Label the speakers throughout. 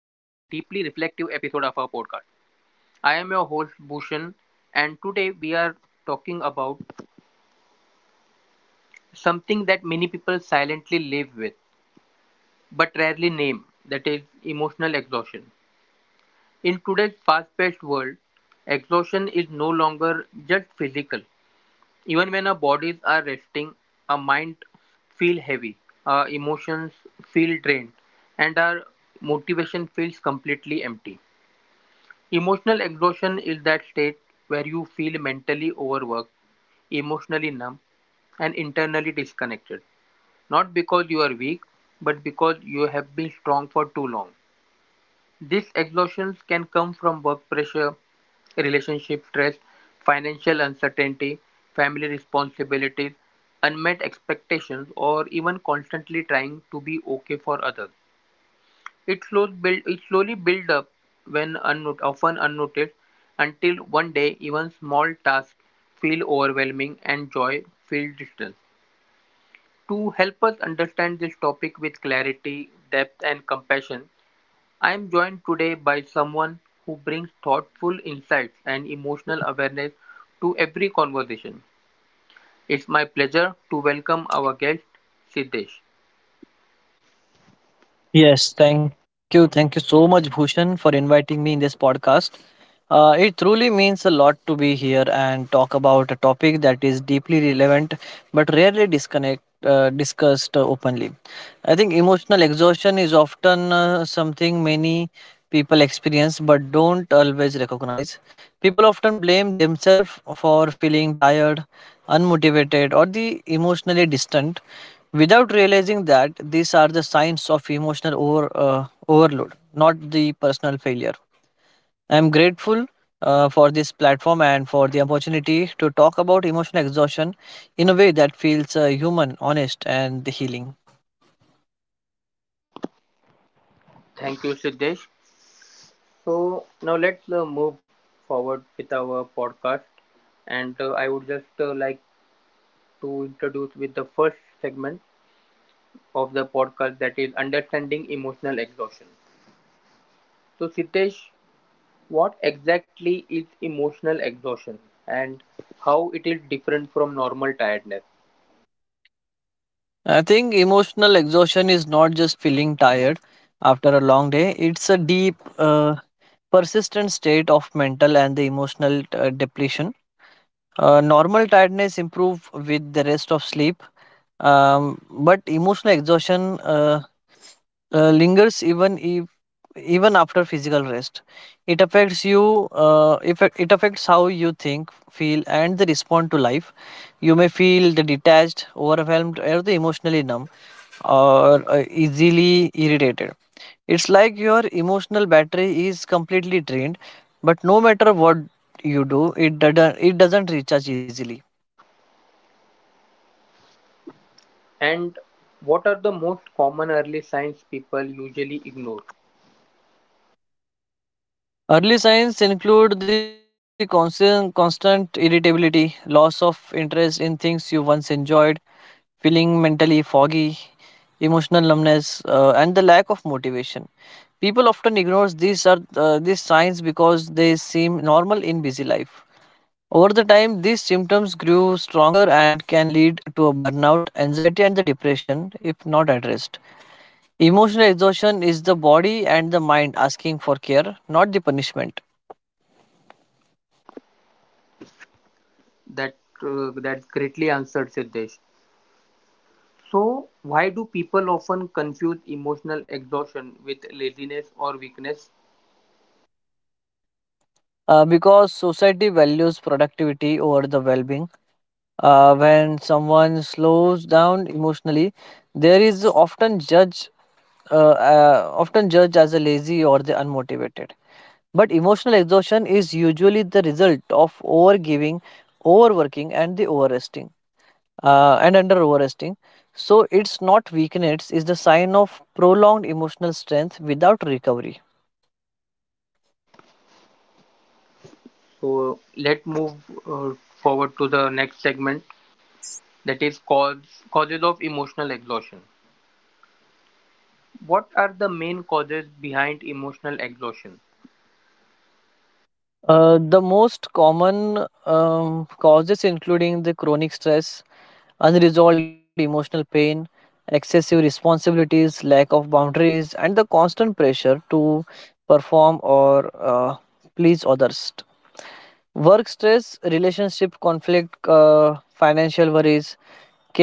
Speaker 1: reflective episode of our podcast. I am your host, Bhushan, and today we are talking about something that many people silently live with but rarely name, that is, emotional exhaustion. In today's fast paced world, exhaustion is no longer just physical. Even when our bodies are resting, our mind feel heavy, our emotions feel drained, and our motivation feels completely empty. Emotional exhaustion is that state where you feel mentally overworked, emotionally numb, and internally disconnected. Not because you are weak, but because you have been strong for too long. These exhaustion can come from work pressure, relationship stress, financial uncertainty, family responsibilities, unmet expectations, or even constantly trying to be okay for others. It slowly build up often unnoticed until one day even small tasks feel overwhelming and joy feels distant. To help us understand this topic with clarity, depth, and compassion, I am joined today by someone who brings thoughtful insights and emotional awareness to every conversation. It's my pleasure to welcome our guest, Siddesh.
Speaker 2: Yes, thank you. Thank you so much, Bhushan, for inviting me in this podcast. It truly means a lot to be here and talk about a topic that is deeply relevant but rarely discussed openly. I think emotional exhaustion is often something many people experience but don't always recognize. People often blame themselves for feeling tired, unmotivated, or the emotionally distant without realizing that these are the signs of emotional overload, not the personal failure. I'm grateful for this platform and for the opportunity to talk about emotional exhaustion in a way that feels human, honest, and healing.
Speaker 1: Thank you, Siddesh. So, now let's move forward with our podcast. And I would just like to introduce with the first segment of the podcast, that is understanding emotional exhaustion. So, Siddesh, what exactly is emotional exhaustion and how it is different from normal tiredness?
Speaker 2: I think emotional exhaustion is not just feeling tired after a long day. It's a deep, persistent state of mental and the emotional depletion. Normal tiredness improves with the rest of sleep. But emotional exhaustion lingers even if even after physical rest. It affects you. It affects how you think, feel, and the respond to life. You may feel the detached, overwhelmed, or the emotionally numb, or easily irritated. It's like your emotional battery is completely drained. But no matter what you do, it doesn't recharge easily.
Speaker 1: And what are the most common early signs people usually ignore?
Speaker 2: Early signs include the constant irritability, loss of interest in things you once enjoyed, feeling mentally foggy, emotional numbness, and the lack of motivation. People often ignore these signs because they seem normal in busy life. Over the time, these symptoms grew stronger and can lead to a burnout, anxiety, and the depression if not addressed. Emotional exhaustion is the body and the mind asking for care, not the punishment.
Speaker 1: That that greatly answered, Siddesh. So why do people often confuse emotional exhaustion with laziness or weakness?
Speaker 2: Because society values productivity over the well-being. When someone slows down emotionally, there is often judged as a lazy or the unmotivated. But emotional exhaustion is usually the result of overgiving, overworking, and the overresting and under overresting. So it's not weakness; it's the sign of prolonged emotional strength without recovery.
Speaker 1: So let's move uh, forward to the next segment, that is causes of emotional exhaustion. What are the main causes behind emotional exhaustion?
Speaker 2: The most common causes including the chronic stress, unresolved emotional pain, excessive responsibilities, lack of boundaries, and the constant pressure to perform or please others. Work stress, relationship conflict, financial worries,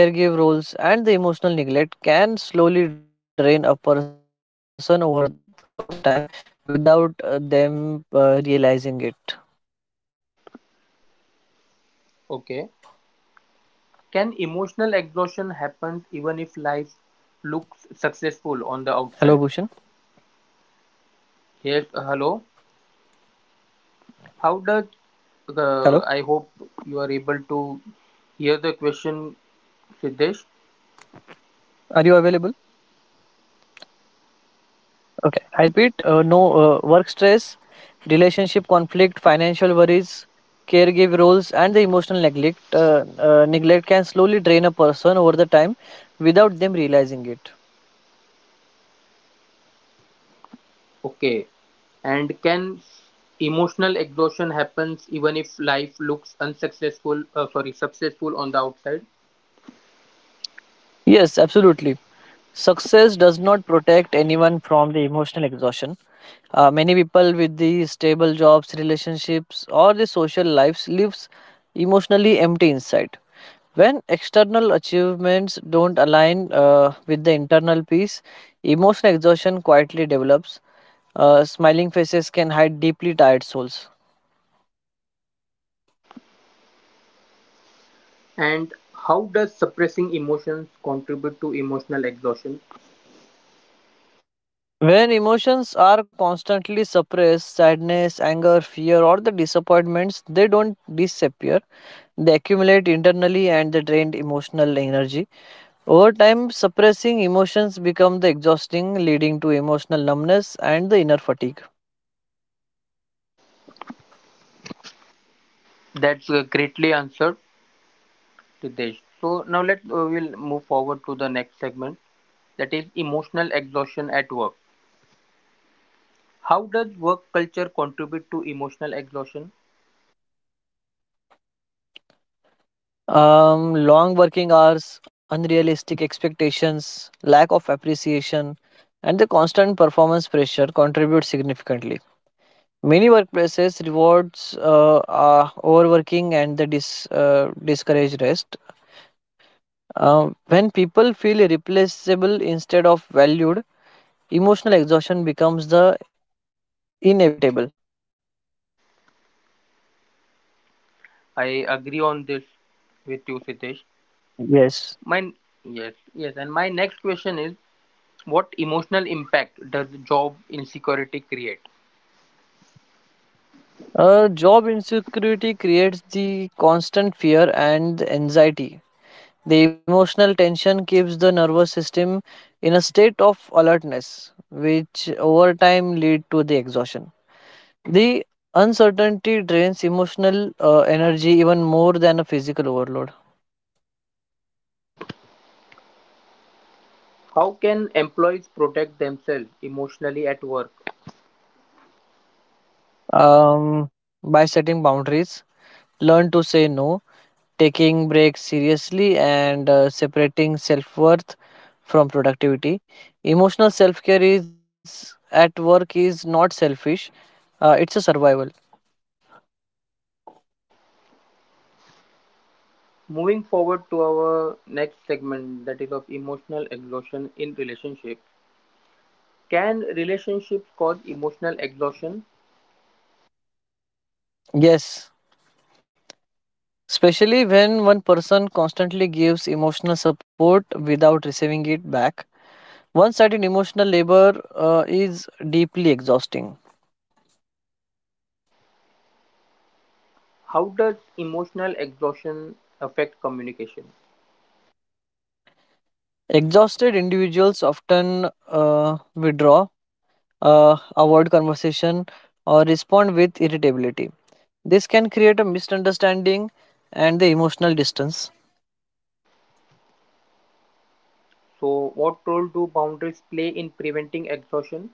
Speaker 2: caregiver roles, and the emotional neglect can slowly drain a person over the time without them realizing it.
Speaker 1: Okay. Can emotional exhaustion happen even if life looks
Speaker 2: Hello,
Speaker 1: successful
Speaker 2: Bhushan.
Speaker 1: on the outside? Yes, hello. How does
Speaker 2: Hello,
Speaker 1: I hope you are able to hear the question, Siddesh?
Speaker 2: are you available? Okay, I repeat, no work stress, relationship conflict, financial worries, caregiver roles, and the emotional neglect. Neglect can slowly drain a person over the time without them realizing it.
Speaker 1: Okay. And can emotional exhaustion happens even if life looks successful on the outside?
Speaker 2: Yes, absolutely. Success does not protect anyone from the emotional exhaustion. Many people with the stable jobs, relationships, or the social lives lives emotionally empty inside. When external achievements don't align with the internal peace, emotional exhaustion quietly develops. Smiling faces can hide deeply tired souls.
Speaker 1: And how does suppressing emotions contribute to emotional exhaustion?
Speaker 2: When emotions are constantly suppressed, sadness, anger, fear, or the disappointments, they don't disappear. They accumulate internally and they drain emotional energy. Over time, suppressing emotions become the exhausting, leading to emotional numbness and the inner fatigue.
Speaker 1: That's greatly answered, Ritesh. So now let we'll move forward to the next segment, that is emotional exhaustion at work. How does work culture contribute to emotional exhaustion?
Speaker 2: Long working hours, unrealistic expectations, lack of appreciation, and the constant performance pressure contribute significantly. Many workplaces rewards overworking and the discourage rest. When people feel replaceable instead of valued, emotional exhaustion becomes the inevitable.
Speaker 1: I agree on this with you, Sitesh.
Speaker 2: Yes.
Speaker 1: My yes, yes, and my next question is, what emotional impact does job insecurity create?
Speaker 2: Job insecurity creates the constant fear and the anxiety. The emotional tension keeps the nervous system in a state of alertness, which over time lead to the exhaustion. The uncertainty drains emotional energy even more than a physical overload.
Speaker 1: How can employees protect themselves emotionally at work?
Speaker 2: Um, by setting boundaries, learn to say no, taking breaks seriously, and separating self worth from productivity. Emotional self care is at work is not selfish. It's a survival.
Speaker 1: Moving forward to our next segment, that is of emotional exhaustion in relationship. Can relationships cause emotional exhaustion?
Speaker 2: Yes, especially when one person constantly gives emotional support without receiving it back. One sided emotional labor is deeply exhausting.
Speaker 1: How does emotional exhaustion affect communication?
Speaker 2: Exhausted individuals often withdraw, avoid conversation, or respond with irritability. This can create a misunderstanding and the emotional distance.
Speaker 1: So, what role do boundaries play in preventing exhaustion?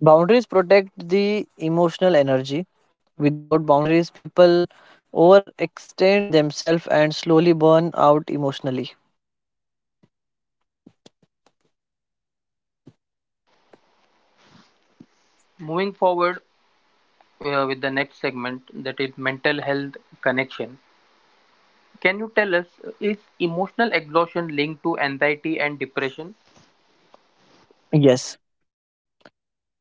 Speaker 2: Boundaries protect the emotional energy. Without boundaries, people overextend themselves and slowly burn out emotionally.
Speaker 1: Moving forward with the next segment, that is mental health connection. Can you tell us, is emotional exhaustion linked to anxiety and depression?
Speaker 2: Yes,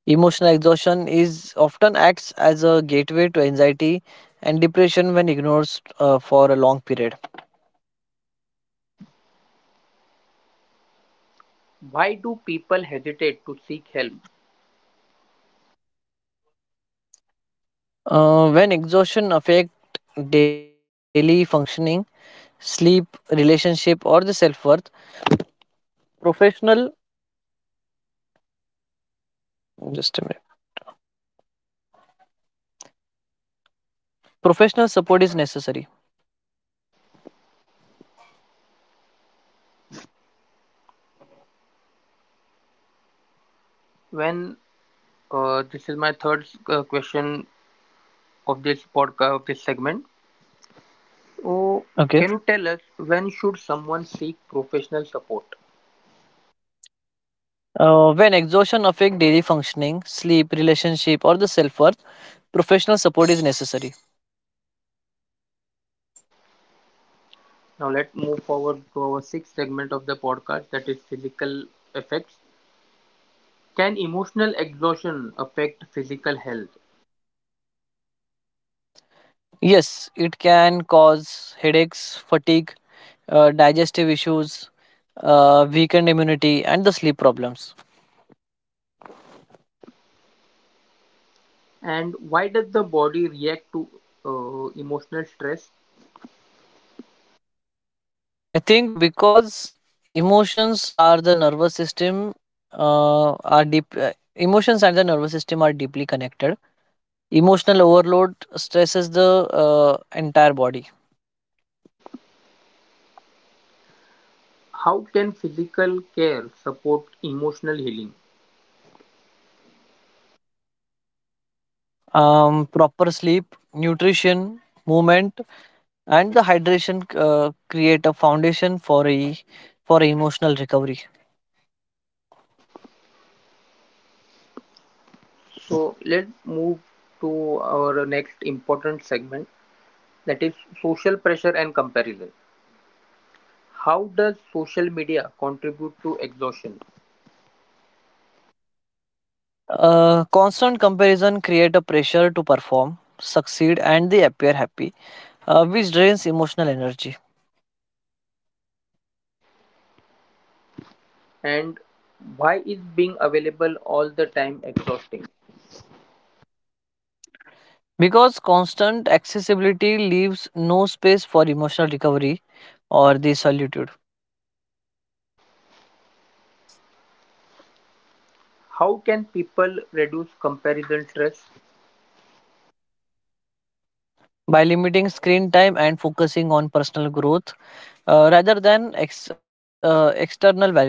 Speaker 2: emotional exhaustion is often acts as a gateway to anxiety and depression when ignored for a long period.
Speaker 1: Why do people hesitate to seek help?
Speaker 2: When exhaustion affect daily functioning, sleep, relationship, or the self worth, professional just a minute. Professional support is necessary.
Speaker 1: When this is my third question of this podcast, of this segment. So,
Speaker 2: Okay.
Speaker 1: can you tell us, when should someone seek professional support?
Speaker 2: When exhaustion affects daily functioning, sleep, relationship, or the self worth, professional support is necessary.
Speaker 1: Now let's move forward to our sixth segment of the podcast, that is physical effects. Can emotional exhaustion affect physical health?
Speaker 2: Yes, it can cause headaches, fatigue, digestive issues, weakened immunity, and the sleep problems.
Speaker 1: And why does the body react to emotional stress?
Speaker 2: I think because emotions are the nervous system are deep. Emotions and the nervous system are deeply connected. Emotional overload stresses the entire body.
Speaker 1: How can physical care support emotional healing?
Speaker 2: Proper sleep, nutrition, movement and the hydration create a foundation for a for emotional recovery.
Speaker 1: So let's move to our next important segment, that is social pressure and comparison. How does social media contribute to exhaustion?
Speaker 2: Uh, constant comparison create a pressure to perform succeed and they appear happy, which drains emotional energy
Speaker 1: And why is being available all the time exhausting?
Speaker 2: because constant accessibility leaves no space for emotional recovery or the solitude
Speaker 1: How can people reduce comparison stress?
Speaker 2: by limiting screen time and focusing on personal growth rather than external validation.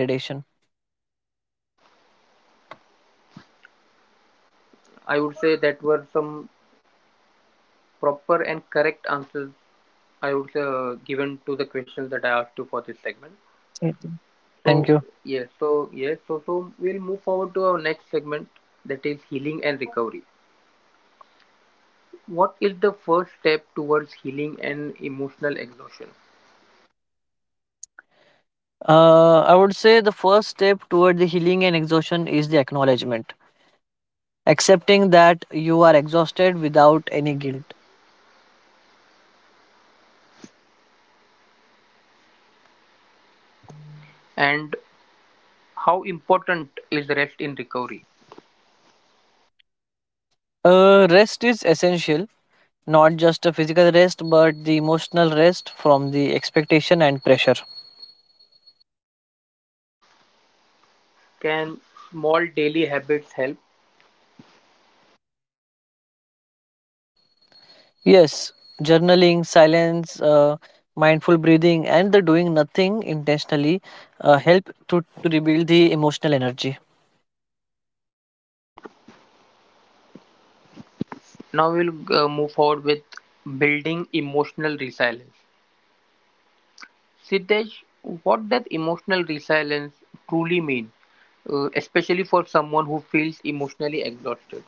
Speaker 1: I would say that were some proper and correct answers, I would say given to the questions that I asked you for this segment.
Speaker 2: Exactly. Thank you.
Speaker 1: So yes, so yes, so we'll move forward to our next segment, that is healing and recovery. What is the first step towards healing and emotional exhaustion?
Speaker 2: I would say the first step toward the healing and exhaustion is the acknowledgement, accepting that you are exhausted without any guilt.
Speaker 1: And how important is rest in recovery?
Speaker 2: Rest is essential, not just a physical rest, but the emotional rest from the expectation and pressure.
Speaker 1: Can small daily habits help?
Speaker 2: Yes, journaling, silence, mindful breathing, and the doing nothing intentionally help to rebuild the emotional energy.
Speaker 1: Now we'll move forward with building emotional resilience. Siddesh, what does emotional resilience truly mean, especially for someone who feels emotionally exhausted?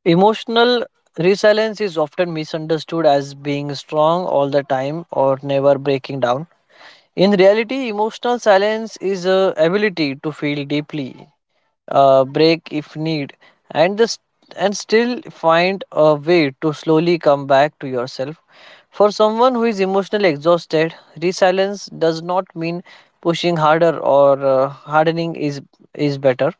Speaker 2: Emotional resilience is often misunderstood as being strong all the time or never breaking down. In reality, emotional silence is a ability to feel deeply, break if need, and the st- and still find a way to slowly come back to yourself. For someone who is emotionally exhausted, resilience does not mean pushing harder or hardening is better.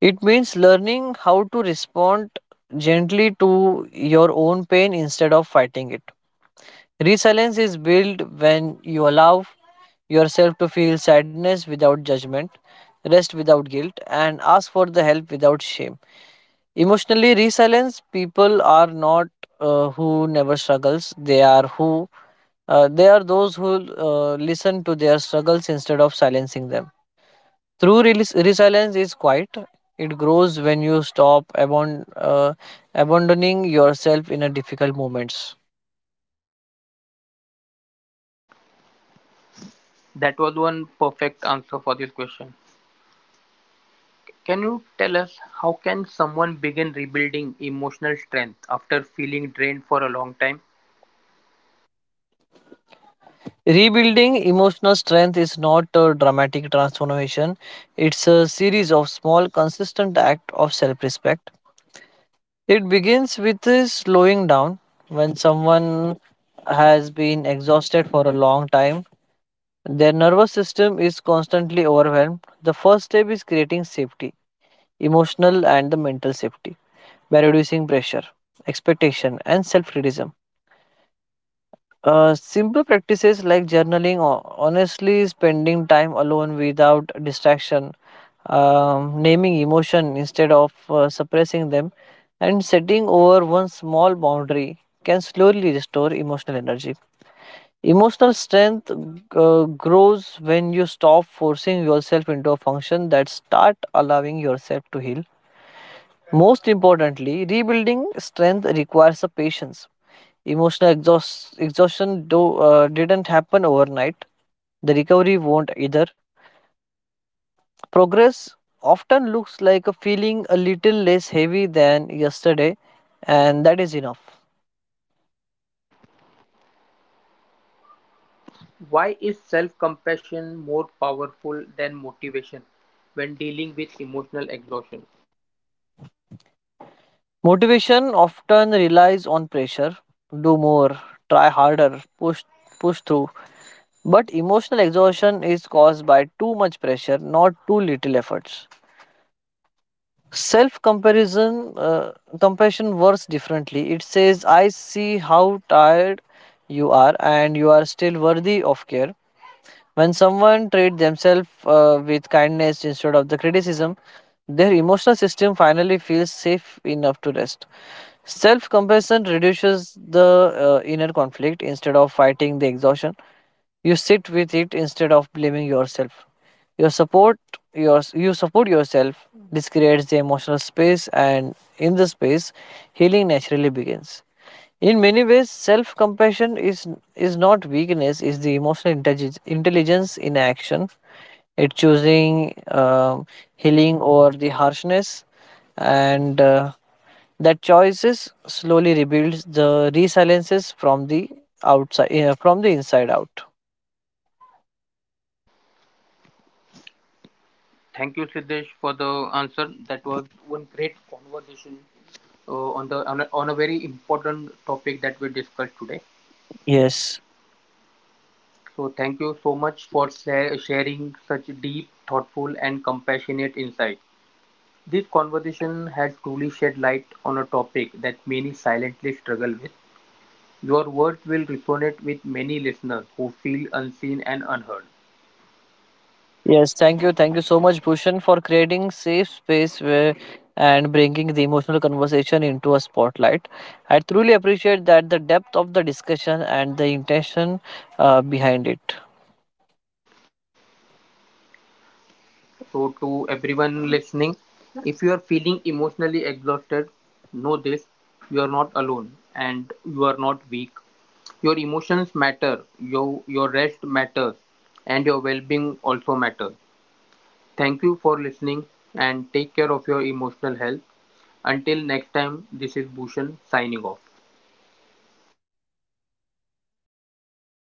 Speaker 2: It means learning how to respond gently to your own pain instead of fighting it. Resilience is built when you allow yourself to feel sadness without judgment, rest without guilt, and ask for the help without shame. Emotionally resilient people are not who never struggles. They are those who listen to their struggles instead of silencing them. True resilience is quiet. It grows when you stop abandoning yourself in a difficult moments.
Speaker 1: That was one perfect answer for this question. Can you tell us, how can someone begin rebuilding emotional strength after feeling drained for a long time?
Speaker 2: Rebuilding emotional strength is not a dramatic transformation. It's a series of small, consistent acts of self-respect. It begins with slowing down. When someone has been exhausted for a long time, their nervous system is constantly overwhelmed. The first step is creating safety, emotional and the mental safety, by reducing pressure, expectation, and self criticism. Simple practices like journaling or honestly spending time alone without distraction, naming emotion instead of suppressing them, and setting over one small boundary can slowly restore emotional energy. Emotional strength grows when you stop forcing yourself into a function that start allowing yourself to heal. Most importantly, rebuilding strength requires a patience. Exhaustion though didn't happen overnight. The recovery won't either. Progress often looks like a feeling a little less heavy than yesterday, and that is enough.
Speaker 1: Why is self-compassion more powerful than motivation when dealing with emotional exhaustion?
Speaker 2: Motivation often relies on pressure. Do more, try harder, push through. But emotional exhaustion is caused by too much pressure, not too little efforts. Self comparison, uh, compassion works differently. It says, I see how tired you are and you are still worthy of care. When someone treats themselves with kindness instead of the criticism, their emotional system finally feels safe enough to rest. Self compassion reduces the inner conflict. Instead of fighting the exhaustion, you sit with it instead of blaming yourself. Your support, you support yourself. This creates the emotional space, and in the space, healing naturally begins. In many ways, self compassion is not weakness, is the emotional intelligence in action. It's choosing healing over the harshness, and that choices slowly rebuilds the resiliences from the from the inside out.
Speaker 1: Thank you, Siddesh, for the answer. That was one great conversation on a very important topic that we discussed today.
Speaker 2: Yes.
Speaker 1: So thank you so much for sharing such deep, thoughtful, and compassionate insight. This conversation has truly shed light on a topic that many silently struggle with. Your words will resonate with many listeners who feel unseen and unheard.
Speaker 2: Yes, thank you. Thank you so much, Bhushan, for creating safe space where and bringing the emotional conversation into a spotlight. I truly appreciate that the depth of the discussion and the intention behind it.
Speaker 1: So, to everyone listening, if you are feeling emotionally exhausted, know this: you are not alone and you are not weak. Your emotions matter, your rest matters, and your well being also matters. Thank you for listening and take care of your emotional health. Until next time, this is Bhushan signing off.